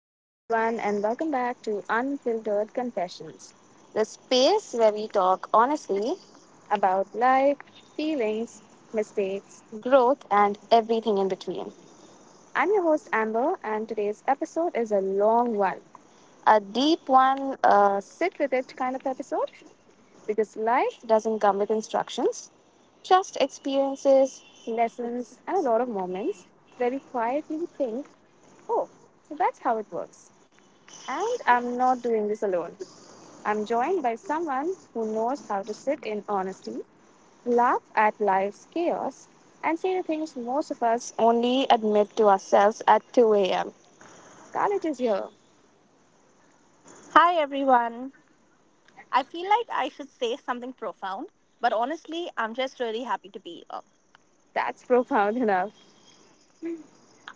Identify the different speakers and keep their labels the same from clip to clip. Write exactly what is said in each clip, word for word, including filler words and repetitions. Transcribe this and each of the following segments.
Speaker 1: Hello, everyone, and welcome back to Unfiltered Confessions, the space where we talk honestly about life, feelings, mistakes, growth, and everything in between. I'm your host, Amber, and today's episode is a long one, a deep one, a sit with it kind of episode, because life doesn't come with instructions, just experiences, lessons, and a lot of moments where we quietly think, oh, so that's how it works. And I'm not doing this alone. I'm joined by someone who knows how to sit in honesty, laugh at life's chaos, and say the things most of us only admit to ourselves at two a m. Scarlett is here.
Speaker 2: Hi everyone. I feel like I should say something profound, but honestly, I'm just really happy to be here.
Speaker 1: That's profound enough.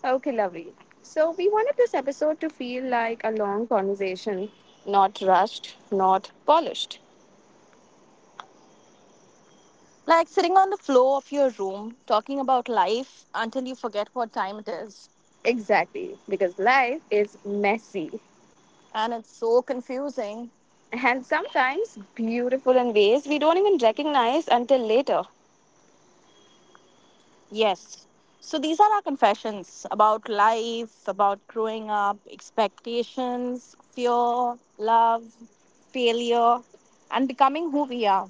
Speaker 1: Okay, lovely. So, we wanted this episode to feel like a long conversation, not rushed, not polished.
Speaker 2: Like sitting on the floor of your room, talking about life until you forget what time it is.
Speaker 1: Exactly, because life is messy
Speaker 2: And it's so confusing.
Speaker 1: and sometimes beautiful in ways we don't even recognize until later.
Speaker 2: Yes. So these are our confessions about life, about growing up, expectations, fear, love, failure, and becoming who we are.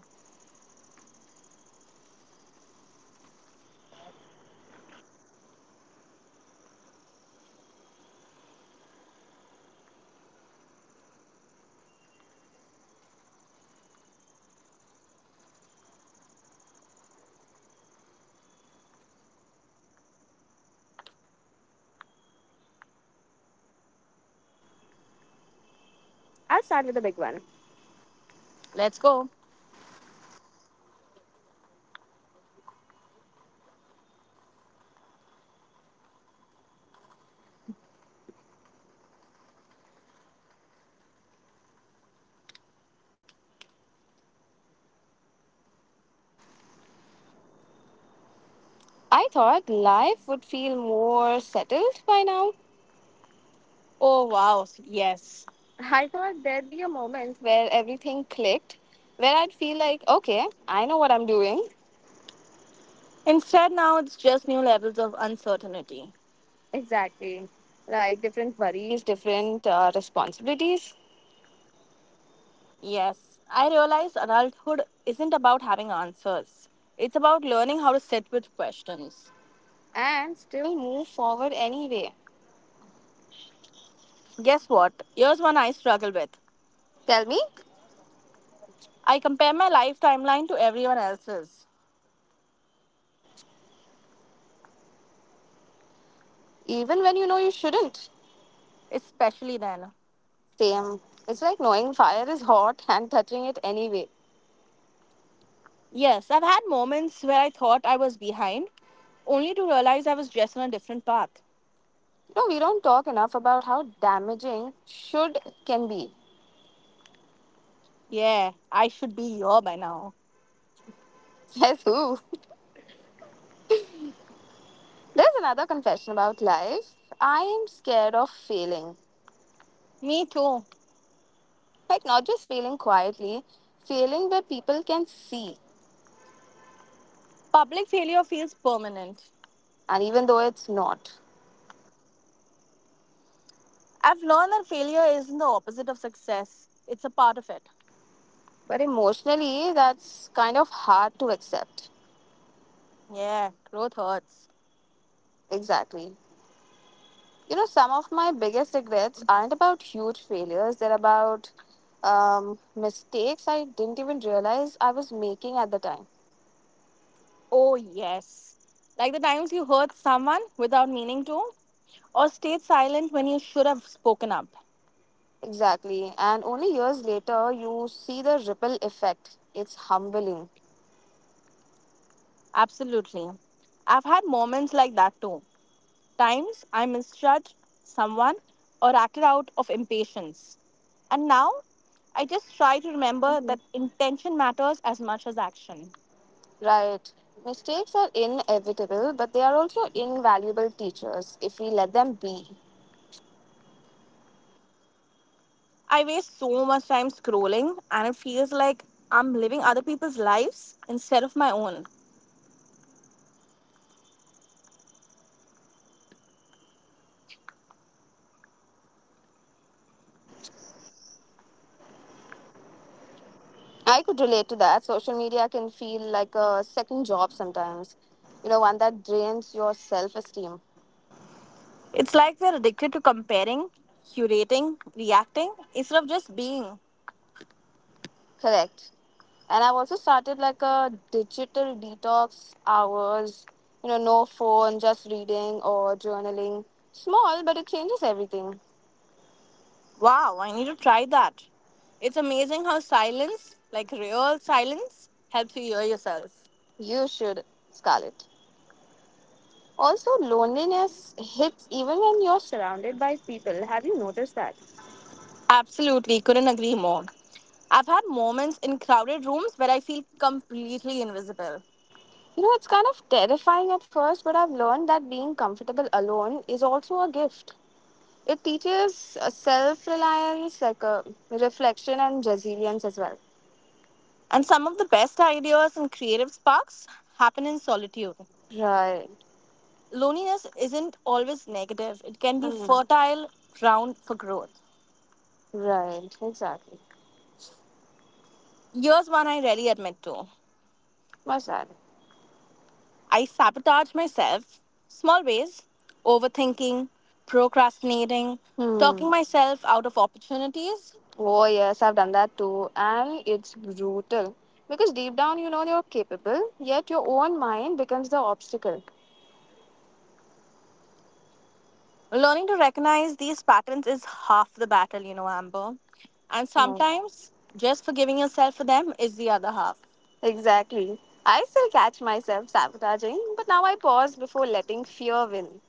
Speaker 1: I'll start with the big one.
Speaker 2: Let's go.
Speaker 1: I thought life would feel more settled by now.
Speaker 2: Oh, wow. Yes.
Speaker 1: I thought there'd be a moment where everything clicked, where I'd feel like, okay, I know what I'm doing.
Speaker 2: Instead, now it's just new levels of uncertainty.
Speaker 1: Exactly. Like different worries, different uh, responsibilities,
Speaker 2: Yes, I realize adulthood isn't about having answers, it's about learning how to sit with questions.
Speaker 1: and still move forward anyway.
Speaker 2: Guess what? Here's one I struggle with.
Speaker 1: Tell me,
Speaker 2: I compare my life timeline to everyone else's,
Speaker 1: even when you know you shouldn't.
Speaker 2: especially then.
Speaker 1: Same. It's like knowing fire is hot and touching it anyway.
Speaker 2: Yes, I've had moments where I thought I was behind, only to realize I was just on a different path.
Speaker 1: No, we don't talk enough about how damaging should can be.
Speaker 2: Yeah, I should be here by now.
Speaker 1: Says who? There's another confession about life. I am scared of failing.
Speaker 2: Me too.
Speaker 1: Like, not just failing quietly, failing where people can see,
Speaker 2: Public failure feels permanent.
Speaker 1: and even though it's not.
Speaker 2: I've learned that failure isn't the opposite of success, it's a part of it.
Speaker 1: But emotionally, that's kind of hard to accept.
Speaker 2: Yeah, growth hurts.
Speaker 1: Exactly. You know, some of my biggest regrets aren't about huge failures, they're about um, mistakes I didn't even realize I was making at the time.
Speaker 2: Oh, yes. Like the times you hurt someone without meaning to, or stayed silent when you should have spoken up.
Speaker 1: Exactly. And only years later, you see the ripple effect. It's humbling.
Speaker 2: Absolutely. I've had moments like that too. Times I misjudged someone or acted out of impatience. And now I just try to remember that intention matters as much as action.
Speaker 1: Right. Mistakes are inevitable, but they are also invaluable teachers if we let them be.
Speaker 2: I waste so much time scrolling, and it feels like I'm living other people's lives instead of my own.
Speaker 1: I could relate to that. Social media can feel like a second job sometimes, you know, one that drains your self esteem.
Speaker 2: It's like we're addicted to comparing, curating, reacting, instead of just being.
Speaker 1: Correct. And I've also started like a digital detox hours, you know, no phone, just reading or journaling. Small, but it changes everything.
Speaker 2: Wow, I need to try that. It's amazing how silence, like real silence, helps you hear yourself.
Speaker 1: You should, Scarlett. Also, loneliness hits even when you're surrounded by people. Have you noticed that?
Speaker 2: Absolutely, couldn't agree more. I've had moments in crowded rooms where I feel completely invisible.
Speaker 1: You know, it's kind of terrifying at first, but I've learned that being comfortable alone is also a gift. It teaches uh, self reliance, like uh, reflection and resilience as well.
Speaker 2: And some of the best ideas and creative sparks happen in solitude.
Speaker 1: Right.
Speaker 2: Loneliness isn't always negative, it can be
Speaker 1: Mm.
Speaker 2: fertile ground for growth.
Speaker 1: Right. Exactly.
Speaker 2: Here's one I rarely admit to.
Speaker 1: What's that?
Speaker 2: I sabotage myself, small ways, overthinking, procrastinating, talking
Speaker 1: Hmm.
Speaker 2: myself out of opportunities.
Speaker 1: Oh, yes, I've done that too. And it's brutal. Because deep down, you know you're capable, yet your own mind becomes the obstacle.
Speaker 2: Learning to recognize these patterns is half the battle, you know, Amber. And sometimes just forgiving yourself for them is the other half,
Speaker 1: Exactly. I still catch myself sabotaging, but now I pause before letting fear win.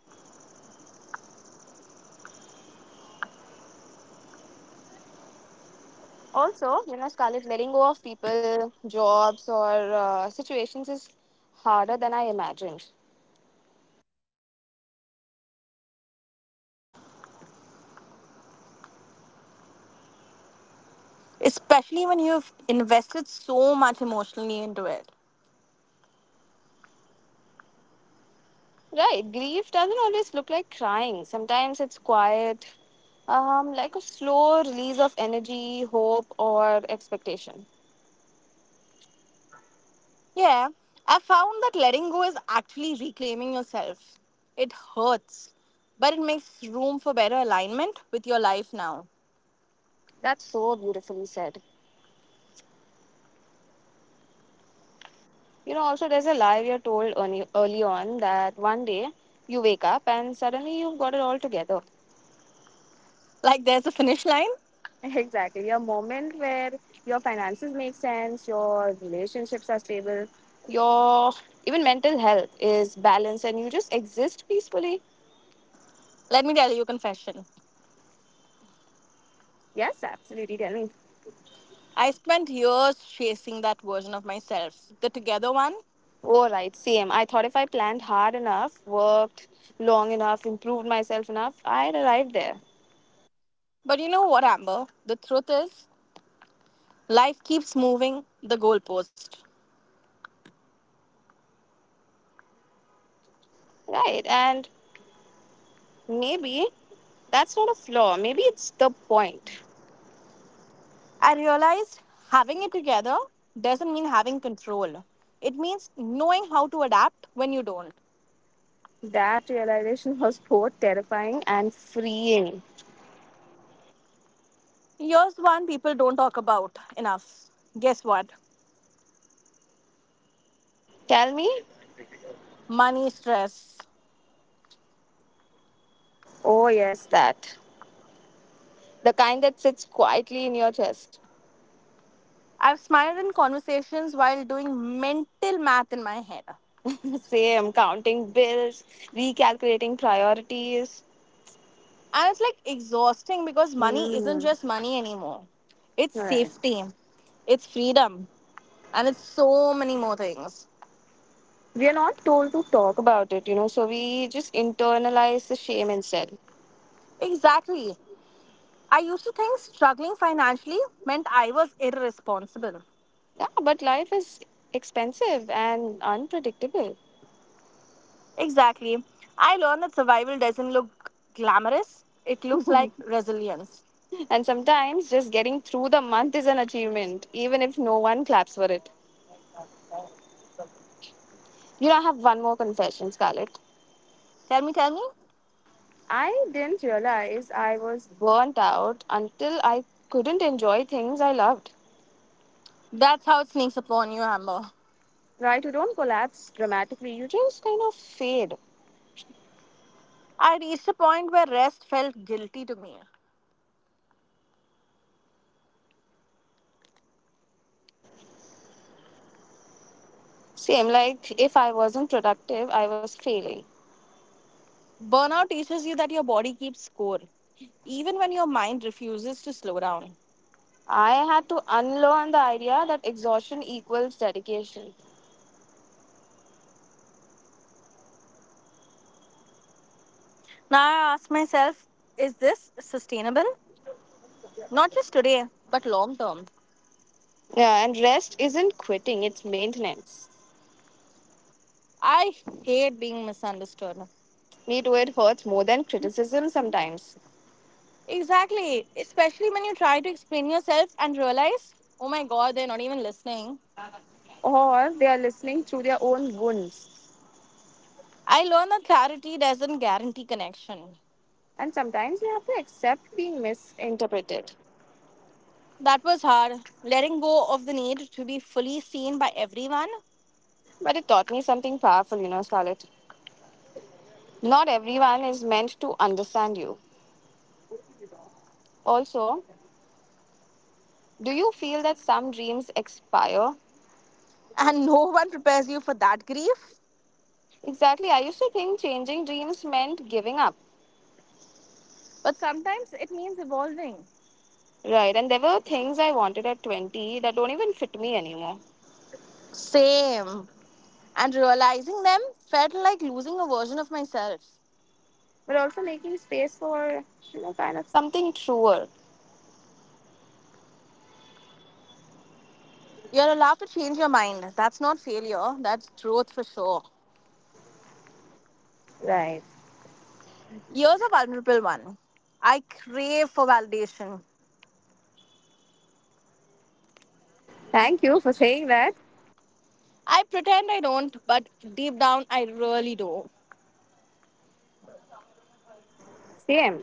Speaker 1: Also, you know, Scarlett, letting go of people, jobs, or uh, situations is harder than I imagined.
Speaker 2: especially when you've invested so much emotionally into it.
Speaker 1: Right, grief doesn't always look like crying. Sometimes it's quiet, um, like a slow release of energy, hope, or expectation.
Speaker 2: Yeah, I found that letting go is actually reclaiming yourself. It hurts, but it makes room for better alignment with your life now.
Speaker 1: That's so beautifully said. You know, also, there's a lie we are told early, early on that one day you wake up and suddenly you've got it all together.
Speaker 2: Like there's a finish line.
Speaker 1: Exactly. A moment where your finances make sense, your relationships are stable, your even mental health is balanced, and you just exist peacefully.
Speaker 2: Let me tell you a confession.
Speaker 1: Yes, absolutely. Tell me.
Speaker 2: I spent years chasing that version of myself, the together one.
Speaker 1: Oh, right. Same. I thought if I planned hard enough, worked long enough, improved myself enough, I'd arrive there.
Speaker 2: But you know what, Amber? The truth is, life keeps moving the goalpost.
Speaker 1: Right. And maybe that's not a flaw. Maybe it's the point.
Speaker 2: I realized having it together doesn't mean having control. It means knowing how to adapt when you don't.
Speaker 1: That realization was both terrifying and freeing.
Speaker 2: Here's one people don't talk about enough. Guess what?
Speaker 1: Tell me.
Speaker 2: Money stress.
Speaker 1: Oh, yes, that. The kind that sits quietly in your chest.
Speaker 2: I've smiled in conversations while doing mental math in my head.
Speaker 1: Same, counting bills, recalculating priorities.
Speaker 2: And it's like exhausting because money isn't
Speaker 1: Hmm.
Speaker 2: just money anymore. It's
Speaker 1: Right.
Speaker 2: safety, it's freedom, and it's so many more things.
Speaker 1: We are not told to talk about it, you know, so we just internalize the shame instead.
Speaker 2: Exactly. I used to think struggling financially meant I was irresponsible.
Speaker 1: Yeah, but life is expensive and unpredictable.
Speaker 2: Exactly. I learned that survival doesn't look glamorous, it looks like resilience.
Speaker 1: And sometimes just getting through the month is an achievement, even if no one claps for it. You know, I have one more confession, Scarlett.
Speaker 2: Tell me, tell me.
Speaker 1: I didn't realize I was burnt out until I couldn't enjoy things I loved.
Speaker 2: That's how it sneaks upon you, Amber.
Speaker 1: Right, you don't collapse dramatically, you just kind of fade.
Speaker 2: I reached a point where rest felt guilty to me.
Speaker 1: Same, like if I wasn't productive, I was failing.
Speaker 2: Burnout teaches you that your body keeps score, even when your mind refuses to slow down.
Speaker 1: I had to unlearn the idea that exhaustion equals dedication.
Speaker 2: Now I ask myself, is this sustainable? Not just today, but long term.
Speaker 1: Yeah, and rest isn't quitting, it's maintenance.
Speaker 2: I hate being misunderstood.
Speaker 1: Me too, it hurts more than criticism sometimes.
Speaker 2: Exactly, especially when you try to explain yourself and realize, oh my god, they're not even listening.
Speaker 1: Or they are listening through their own wounds.
Speaker 2: I learned that clarity doesn't guarantee connection.
Speaker 1: And sometimes you have to accept being misinterpreted.
Speaker 2: That was hard. Letting go of the need to be fully seen by everyone.
Speaker 1: But it taught me something powerful, you know, Scarlett. Not everyone is meant to understand you. Also, do you feel that some dreams expire?
Speaker 2: And no one prepares you for that grief.
Speaker 1: Exactly. I used to think changing dreams meant giving up.
Speaker 2: But sometimes it means evolving.
Speaker 1: Right. And there were things I wanted at twenty that don't even fit me anymore.
Speaker 2: Same. And realizing them felt like losing a version of myself.
Speaker 1: But also making space for, you know, kind of something truer.
Speaker 2: You're allowed to change your mind. That's not failure, that's growth for sure.
Speaker 1: Right.
Speaker 2: Here's a vulnerable one. I crave for validation.
Speaker 1: Thank you for saying that.
Speaker 2: I pretend I don't, but deep down I really do.
Speaker 1: Same.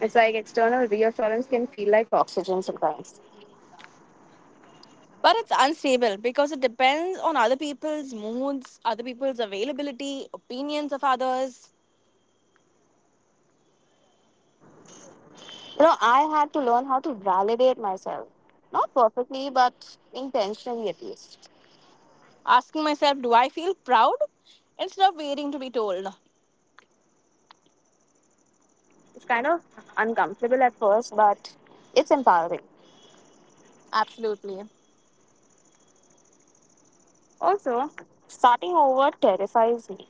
Speaker 1: It's like external reassurance can feel like oxygen sometimes.
Speaker 2: But it's unstable because it depends on other people's moods, other people's availability, opinions of others.
Speaker 1: You know, I had to learn how to validate myself. Not perfectly, but intentionally at least.
Speaker 2: Asking myself, do I feel proud? Instead of waiting to be told.
Speaker 1: It's kind of uncomfortable at first, but it's empowering.
Speaker 2: Absolutely.
Speaker 1: Also, starting over terrifies me.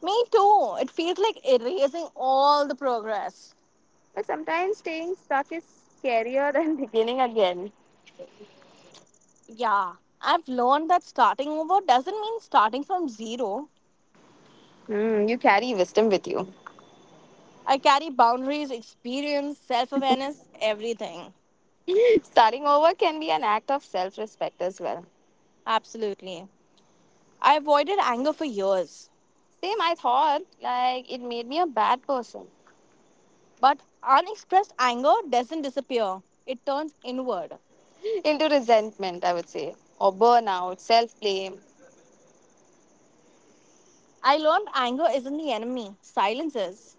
Speaker 2: Me too. It feels like erasing all the progress.
Speaker 1: But sometimes staying stuck is scarier than beginning again.
Speaker 2: Yeah. I've learned that starting over doesn't mean starting from zero.
Speaker 1: Hmm, you carry wisdom with you.
Speaker 2: I carry boundaries, experience, self awareness, everything.
Speaker 1: Starting over can be an act of self respect as well.
Speaker 2: Absolutely. I avoided anger for years.
Speaker 1: Same, I thought, like, it made me a bad person.
Speaker 2: But unexpressed anger doesn't disappear, it turns inward.
Speaker 1: Into resentment, I would say, or burnout, self blame.
Speaker 2: I learned anger isn't the enemy, silence is.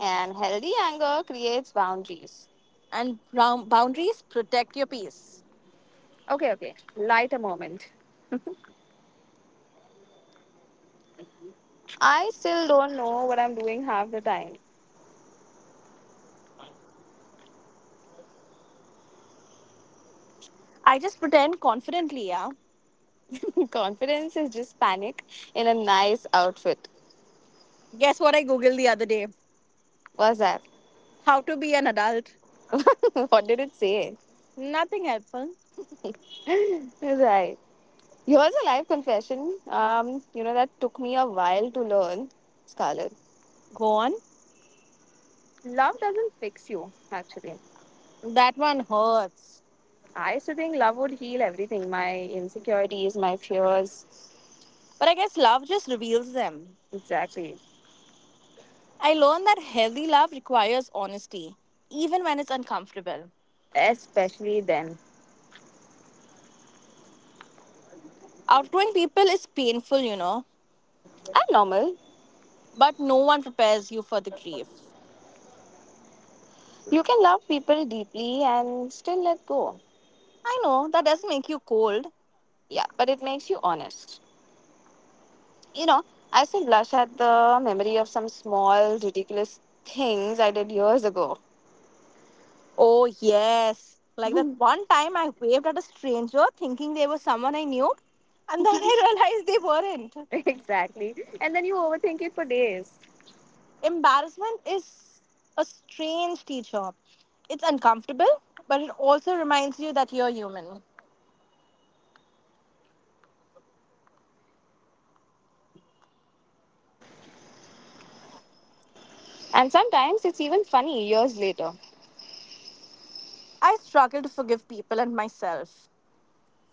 Speaker 1: And healthy anger creates boundaries.
Speaker 2: And boundaries protect your peace.
Speaker 1: Okay, okay. Light a moment. I still don't know what I'm doing half the time.
Speaker 2: I just pretend confidently, yeah.
Speaker 1: Confidence is just panic in a nice outfit.
Speaker 2: Guess what I googled the other day?
Speaker 1: What's that?
Speaker 2: How to be an adult.
Speaker 1: What did it say?
Speaker 2: Nothing helpful.
Speaker 1: Right. Here's a live confession. Um, you know, that took me a while to learn, Scarlett.
Speaker 2: Go on.
Speaker 1: Love doesn't fix you, actually.
Speaker 2: That one hurts.
Speaker 1: I used to think love would heal everything, my insecurities, my fears.
Speaker 2: But I guess love just reveals them.
Speaker 1: Exactly.
Speaker 2: I learned that healthy love requires honesty, even when it's uncomfortable.
Speaker 1: Especially then.
Speaker 2: Outgrowing people is painful, you know.
Speaker 1: I'm normal.
Speaker 2: But no one prepares you for the grief.
Speaker 1: You can love people deeply and still let go.
Speaker 2: I know that doesn't make you cold.
Speaker 1: Yeah, but it makes you honest. You know, I still blush at the memory of some small, ridiculous things I did years ago.
Speaker 2: Oh, yes. Like that one time I waved at a stranger thinking they were someone I knew, and then I realized they weren't.
Speaker 1: Exactly. And then you overthink it for days.
Speaker 2: Embarrassment is a strange teacher. It's uncomfortable, but it also reminds you that you're human.
Speaker 1: And sometimes it's even funny years later.
Speaker 2: I struggle to forgive people and myself.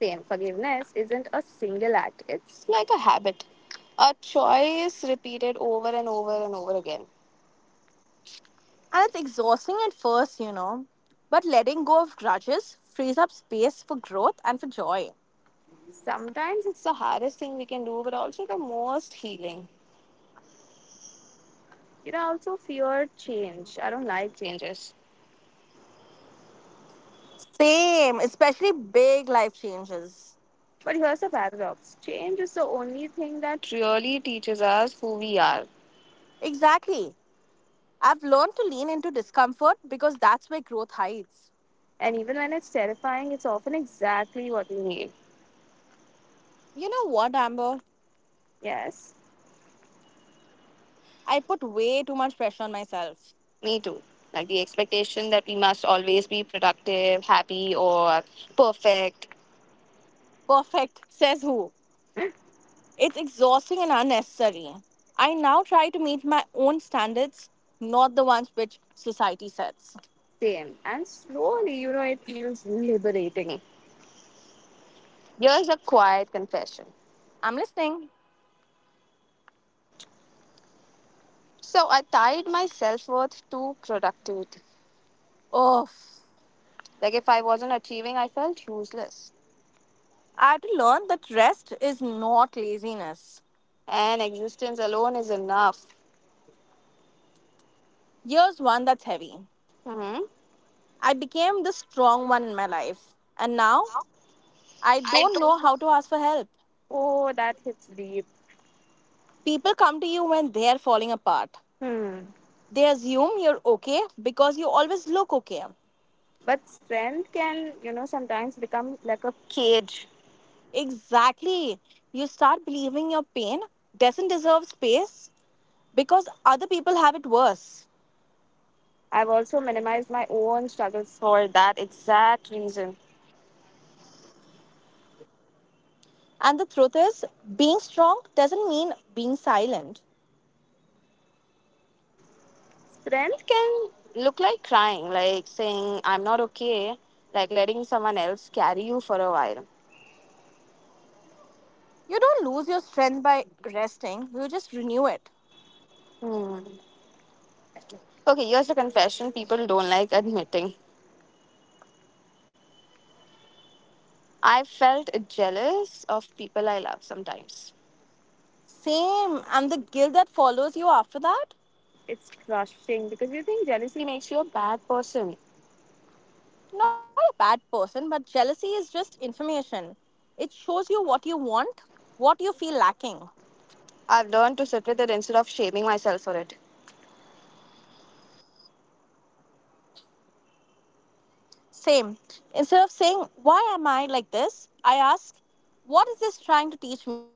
Speaker 1: Same, forgiveness isn't a single act, it's like a habit, a choice repeated over and over and over again.
Speaker 2: And it's exhausting at first, you know. But letting go of grudges frees up space for growth and for joy.
Speaker 1: Sometimes it's the hardest thing we can do, but also the most healing. You know, I also fear change. I don't like changes.
Speaker 2: Same, especially big life changes.
Speaker 1: But here's the paradox, change is the only thing that really teaches us who we are.
Speaker 2: Exactly. I've learned to lean into discomfort because that's where growth hides.
Speaker 1: And even when it's terrifying, it's often exactly what we need.
Speaker 2: You know what, Amber?
Speaker 1: Yes,
Speaker 2: I put way too much pressure on myself.
Speaker 1: me too. Like the expectation that we must always be productive, happy, or perfect.
Speaker 2: Perfect, says who? It's exhausting and unnecessary. I now try to meet my own standards, not the ones which society sets.
Speaker 1: Same. And slowly, you know, it feels liberating. Here's a quiet confession.
Speaker 2: I'm listening.
Speaker 1: So I tied my self worth to productivity.
Speaker 2: Oh.
Speaker 1: Like if I wasn't achieving, I felt useless.
Speaker 2: I had to learn that rest is not laziness.
Speaker 1: And existence alone is enough.
Speaker 2: Here's one that's heavy.
Speaker 1: Hmm.
Speaker 2: I became the strong one in my life. And now I
Speaker 1: I
Speaker 2: don't
Speaker 1: do.
Speaker 2: know how to ask for help.
Speaker 1: Oh, that hits deep.
Speaker 2: People come to you when they're falling apart.
Speaker 1: Hmm.
Speaker 2: They assume you're okay because you always look okay.
Speaker 1: But strength can, you know, sometimes become like a cage.
Speaker 2: Exactly. You start believing your pain doesn't deserve space because other people have it worse.
Speaker 1: I've also minimized my own struggles for that exact reason.
Speaker 2: And the truth is, being strong doesn't mean being silent.
Speaker 1: Strength can look like crying, like saying, I'm not okay, like letting someone else carry you for a while.
Speaker 2: You don't lose your strength by resting, you just renew it.
Speaker 1: Hmm. Okay, here's a confession people don't like admitting. I felt jealous of people I love sometimes.
Speaker 2: Same. And the guilt that follows you after that?
Speaker 1: It's crushing because you think jealousy makes you a bad person.
Speaker 2: Not a bad person, but jealousy is just information. It shows you what you want, what you feel lacking.
Speaker 1: I've learned to sit with it instead of shaming myself for it.
Speaker 2: Same. Instead of saying, why am I like this? I ask, what is this trying to teach me?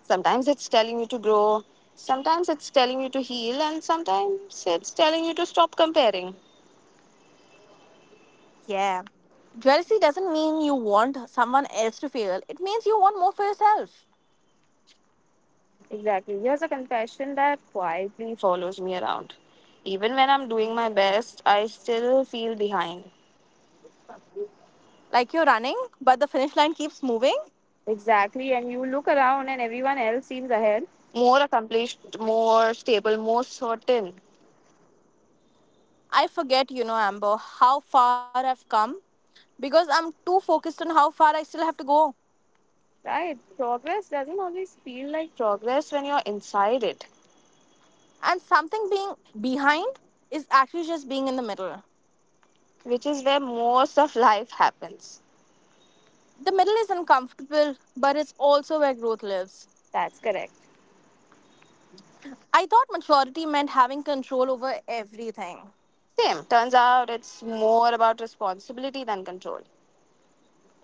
Speaker 1: Sometimes it's telling you to grow, sometimes it's telling you to heal, and sometimes it's telling you to stop comparing.
Speaker 2: Yeah. Jealousy doesn't mean you want someone else to feel, it means you want more for yourself.
Speaker 1: Exactly. Here's a confession that quietly follows me around. Even when I'm doing my best, I still feel behind.
Speaker 2: Like you're running, but the finish line keeps moving.
Speaker 1: Exactly. And you look around and everyone else seems ahead. More accomplished, more stable, more certain.
Speaker 2: I forget, you know, Amber, how far I've come because I'm too focused on how far I still have to go.
Speaker 1: Right. Progress doesn't always feel like progress when you're inside it,
Speaker 2: And something being behind is actually just being in the middle.
Speaker 1: which is where most of life happens.
Speaker 2: The middle is uncomfortable, but it's also where growth lives.
Speaker 1: That's correct.
Speaker 2: I thought maturity meant having control over everything.
Speaker 1: Same. Turns out it's more about responsibility than control.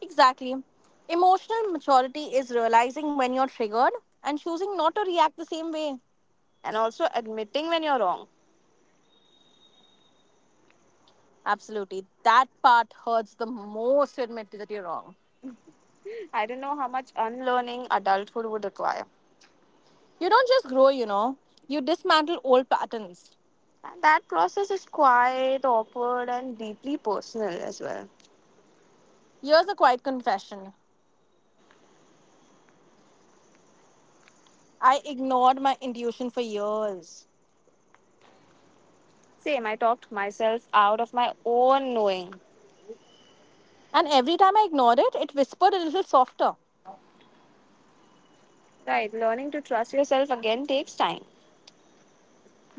Speaker 2: Exactly. Emotional maturity is realizing when you're triggered and choosing not to react the same way.
Speaker 1: And also admitting when you're wrong.
Speaker 2: Absolutely. That part hurts the most to admit that you're wrong.
Speaker 1: I don't know how much unlearning adulthood would require.
Speaker 2: You don't just grow, you know, you dismantle old patterns.
Speaker 1: And that process is quite awkward and deeply personal as well.
Speaker 2: Here's a quiet confession. I ignored my intuition for years.
Speaker 1: Same. I talked myself out of my own knowing.
Speaker 2: And every time I ignored it, it whispered a little softer.
Speaker 1: Right. Learning to trust yourself again takes time.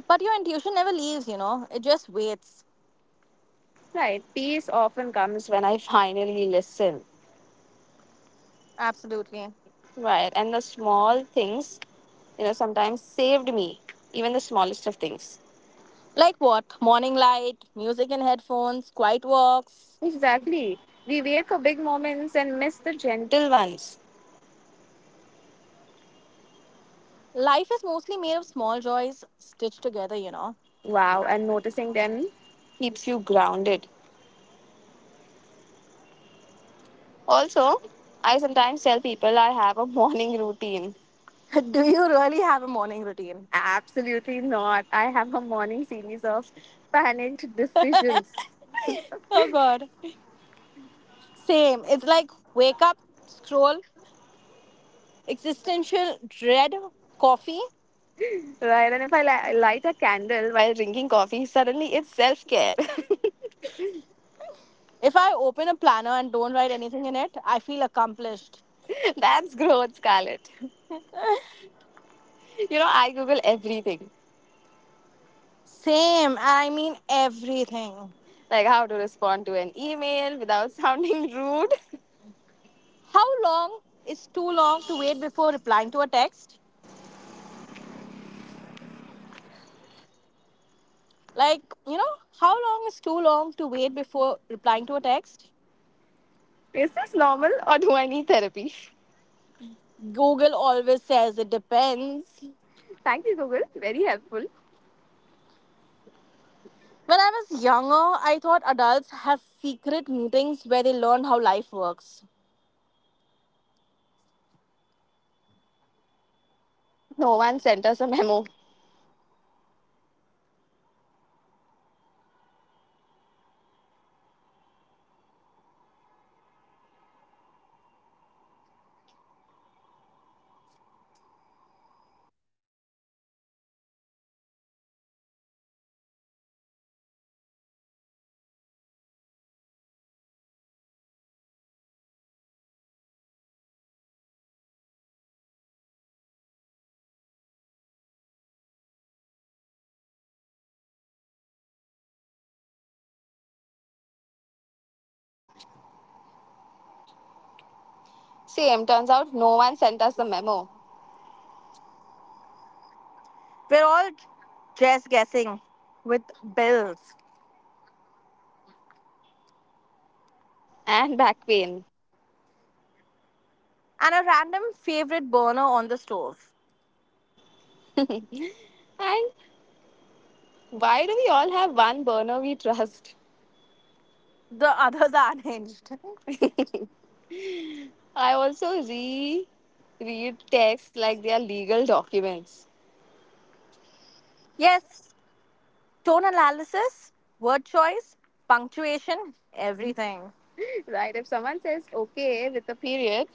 Speaker 2: But your intuition never leaves, you know, it just waits.
Speaker 1: Right, peace often comes when I finally listen.
Speaker 2: Absolutely.
Speaker 1: Right, and the small things, you know, sometimes saved me, even the smallest of things.
Speaker 2: Like what? Morning light, music in headphones, quiet walks.
Speaker 1: Exactly. We wait for big moments and miss the gentle ones.
Speaker 2: Life is mostly made of small joys stitched together, you know.
Speaker 1: Wow, and noticing them keeps you grounded. Also, I sometimes tell people I have a morning routine.
Speaker 2: Do you really have a morning routine?
Speaker 1: Absolutely not. I have a morning series of panicked decisions.
Speaker 2: Oh, God. Same. It's like wake up, scroll, existential dread, coffee.
Speaker 1: Right, and if I li- light a candle while drinking coffee, suddenly it's self care.
Speaker 2: If I open a planner and don't write anything in it, I feel accomplished.
Speaker 1: That's growth, Scarlett. You know, I Google everything,
Speaker 2: Same. I mean everything.
Speaker 1: like how to respond to an email without sounding rude.
Speaker 2: How long is too long to wait before replying to a text? Like, you know, how long is too long to wait before replying to a text?
Speaker 1: Is this normal or do I need therapy?
Speaker 2: Google always says it depends.
Speaker 1: Thank you, Google. Very helpful.
Speaker 2: When I was younger, I thought adults have secret meetings where they learn how life works.
Speaker 1: Same. Turns out no one sent us a memo. Same. Turns out no one sent us the memo.
Speaker 2: We're all just guessing with bills
Speaker 1: And back pain.
Speaker 2: and a random favorite burner on the stove.
Speaker 1: And why do we all have one burner we trust?
Speaker 2: The others are unhinged.
Speaker 1: I also re read texts like they are legal documents.
Speaker 2: Yes, tone analysis, word choice, punctuation, everything.
Speaker 1: Right? If someone says okay with a period,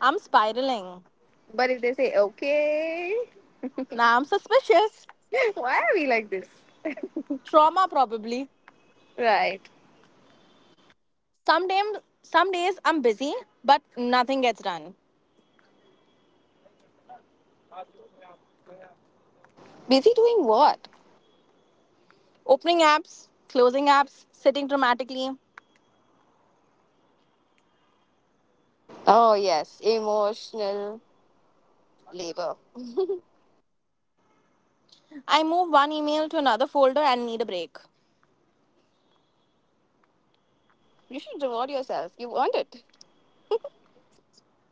Speaker 2: I'm spiraling.
Speaker 1: but if they say okay,
Speaker 2: Now I'm suspicious.
Speaker 1: why are we like this?
Speaker 2: Trauma probably.
Speaker 1: Right.
Speaker 2: Some days, some days I'm busy, but nothing gets done.
Speaker 1: Busy doing what?
Speaker 2: Opening apps, closing apps, sitting dramatically.
Speaker 1: Oh, yes, emotional labor.
Speaker 2: I move one email to another folder and need a break.
Speaker 1: You should reward yourself. You've earned it.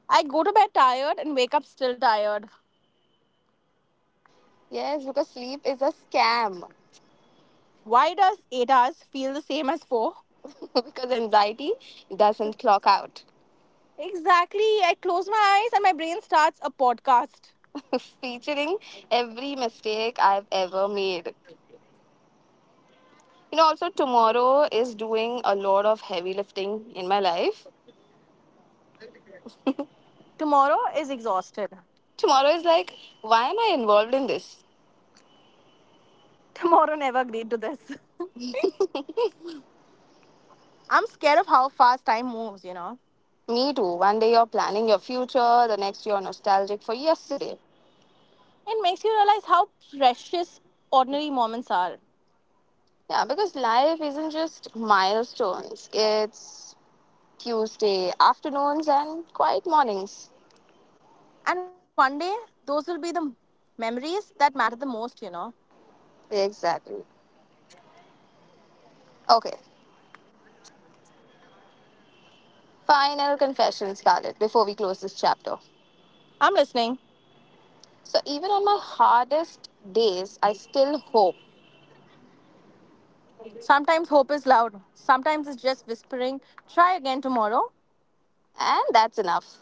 Speaker 2: I go to bed tired and wake up still tired.
Speaker 1: Yes, because sleep is a scam.
Speaker 2: Why does eight hours feel the same as four?
Speaker 1: Because anxiety doesn't clock out.
Speaker 2: Exactly. I close my eyes and my brain starts a podcast.
Speaker 1: Featuring every mistake I've ever made. You know, also tomorrow is doing a lot of heavy lifting in my life.
Speaker 2: Tomorrow is exhausted.
Speaker 1: Tomorrow is like, why am I involved in this?
Speaker 2: Tomorrow never agreed to this. I'm scared of how fast time moves, you know.
Speaker 1: Me too. One day you're planning your future, the next you're nostalgic for yesterday.
Speaker 2: It makes you realize how precious ordinary moments are.
Speaker 1: Yeah, because life isn't just milestones, it's Tuesday afternoons and quiet mornings.
Speaker 2: And one day, those will be the memories that matter the most, you know.
Speaker 1: Exactly. Okay, final confession, Scarlett, before we close this chapter.
Speaker 2: I'm listening.
Speaker 1: So, even on my hardest days, I still hope,
Speaker 2: Sometimes hope is loud, sometimes it's just whispering, try again tomorrow.
Speaker 1: and that's enough.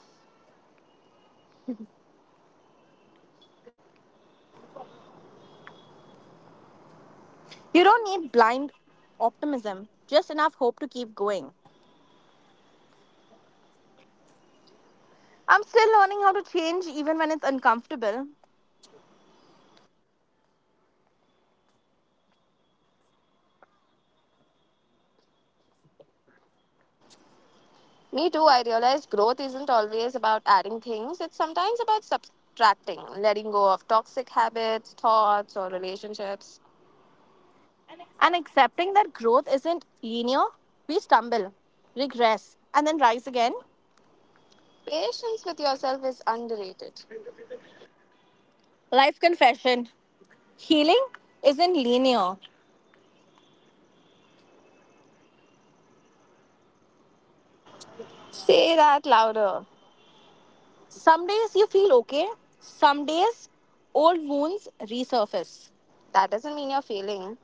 Speaker 2: You don't need blind optimism, just enough hope to keep going. I'm still learning how to change even when it's uncomfortable.
Speaker 1: Me too, I realized growth isn't always about adding things, it's sometimes about subtracting, letting go of toxic habits, thoughts, or relationships.
Speaker 2: And accepting that growth isn't linear. We stumble, regress, and then rise again.
Speaker 1: Patience with yourself is underrated.
Speaker 2: Life confession: healing isn't linear.
Speaker 1: Say that louder.
Speaker 2: Some days you feel okay, some days old wounds resurface.
Speaker 1: That doesn't mean you're failing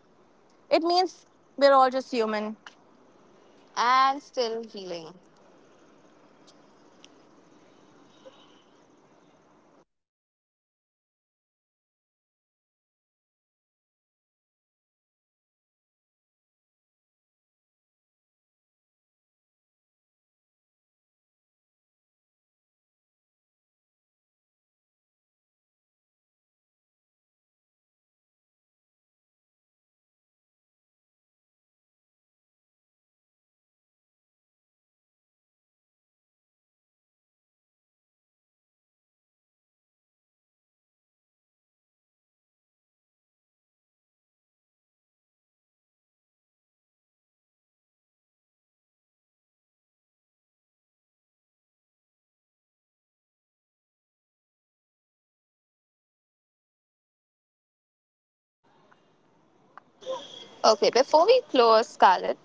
Speaker 2: It means we're all just human.
Speaker 1: and still healing. Okay, before we close, Scarlett,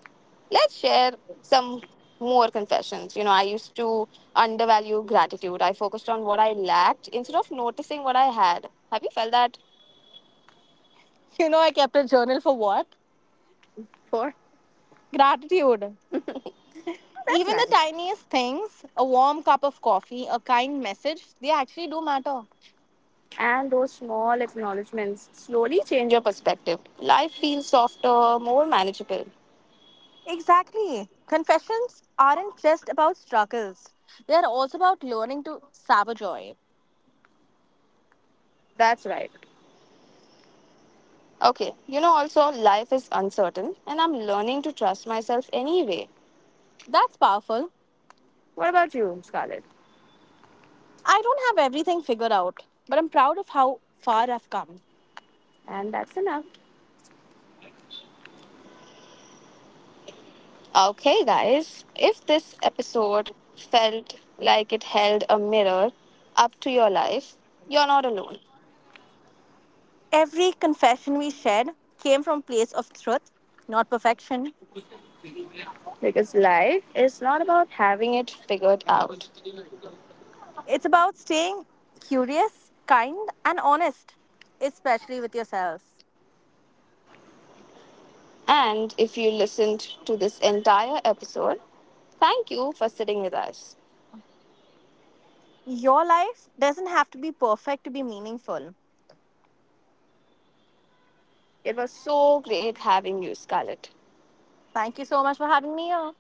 Speaker 1: let's share some more confessions. You know, I used to undervalue gratitude. I focused on what I lacked instead of noticing what I had. Have you felt that
Speaker 2: You know, I kept a journal for what?
Speaker 1: before?
Speaker 2: Gratitude.
Speaker 1: Oh, that's
Speaker 2: Even
Speaker 1: nice.
Speaker 2: the tiniest things, a warm cup of coffee, a kind message, they actually do matter.
Speaker 1: And those small acknowledgements slowly change your perspective. Life feels softer, more manageable.
Speaker 2: Exactly. Confessions aren't just about struggles, they are also about learning to savor joy.
Speaker 1: That's right. Okay, you know, also, life is uncertain, and I'm learning to trust myself anyway.
Speaker 2: That's powerful.
Speaker 1: What about you, Scarlett?
Speaker 2: I don't have everything figured out, but I'm proud of how far I've come.
Speaker 1: And that's enough. Okay, guys, if this episode felt like it held a mirror up to your life, you're not alone.
Speaker 2: Every confession we shared came from a place of truth, not perfection.
Speaker 1: Because life is not about having it figured out.
Speaker 2: It's about staying curious, kind, and honest, especially with yourself.
Speaker 1: And if you listened to this entire episode, thank you for sitting with us.
Speaker 2: Your life doesn't have to be perfect to be meaningful.
Speaker 1: It was so great having you, Scarlett.
Speaker 2: Thank you so much for having me here.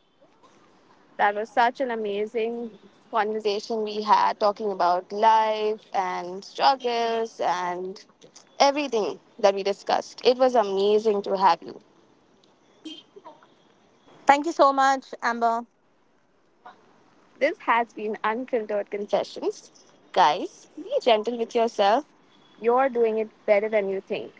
Speaker 1: That was such an amazing conversation we had talking about life and struggles and everything that we discussed. It was amazing to have you.
Speaker 2: Thank you so much, Amber.
Speaker 1: This has been Unfiltered Confessions. Guys, be gentle with yourself. You're doing it better than you think.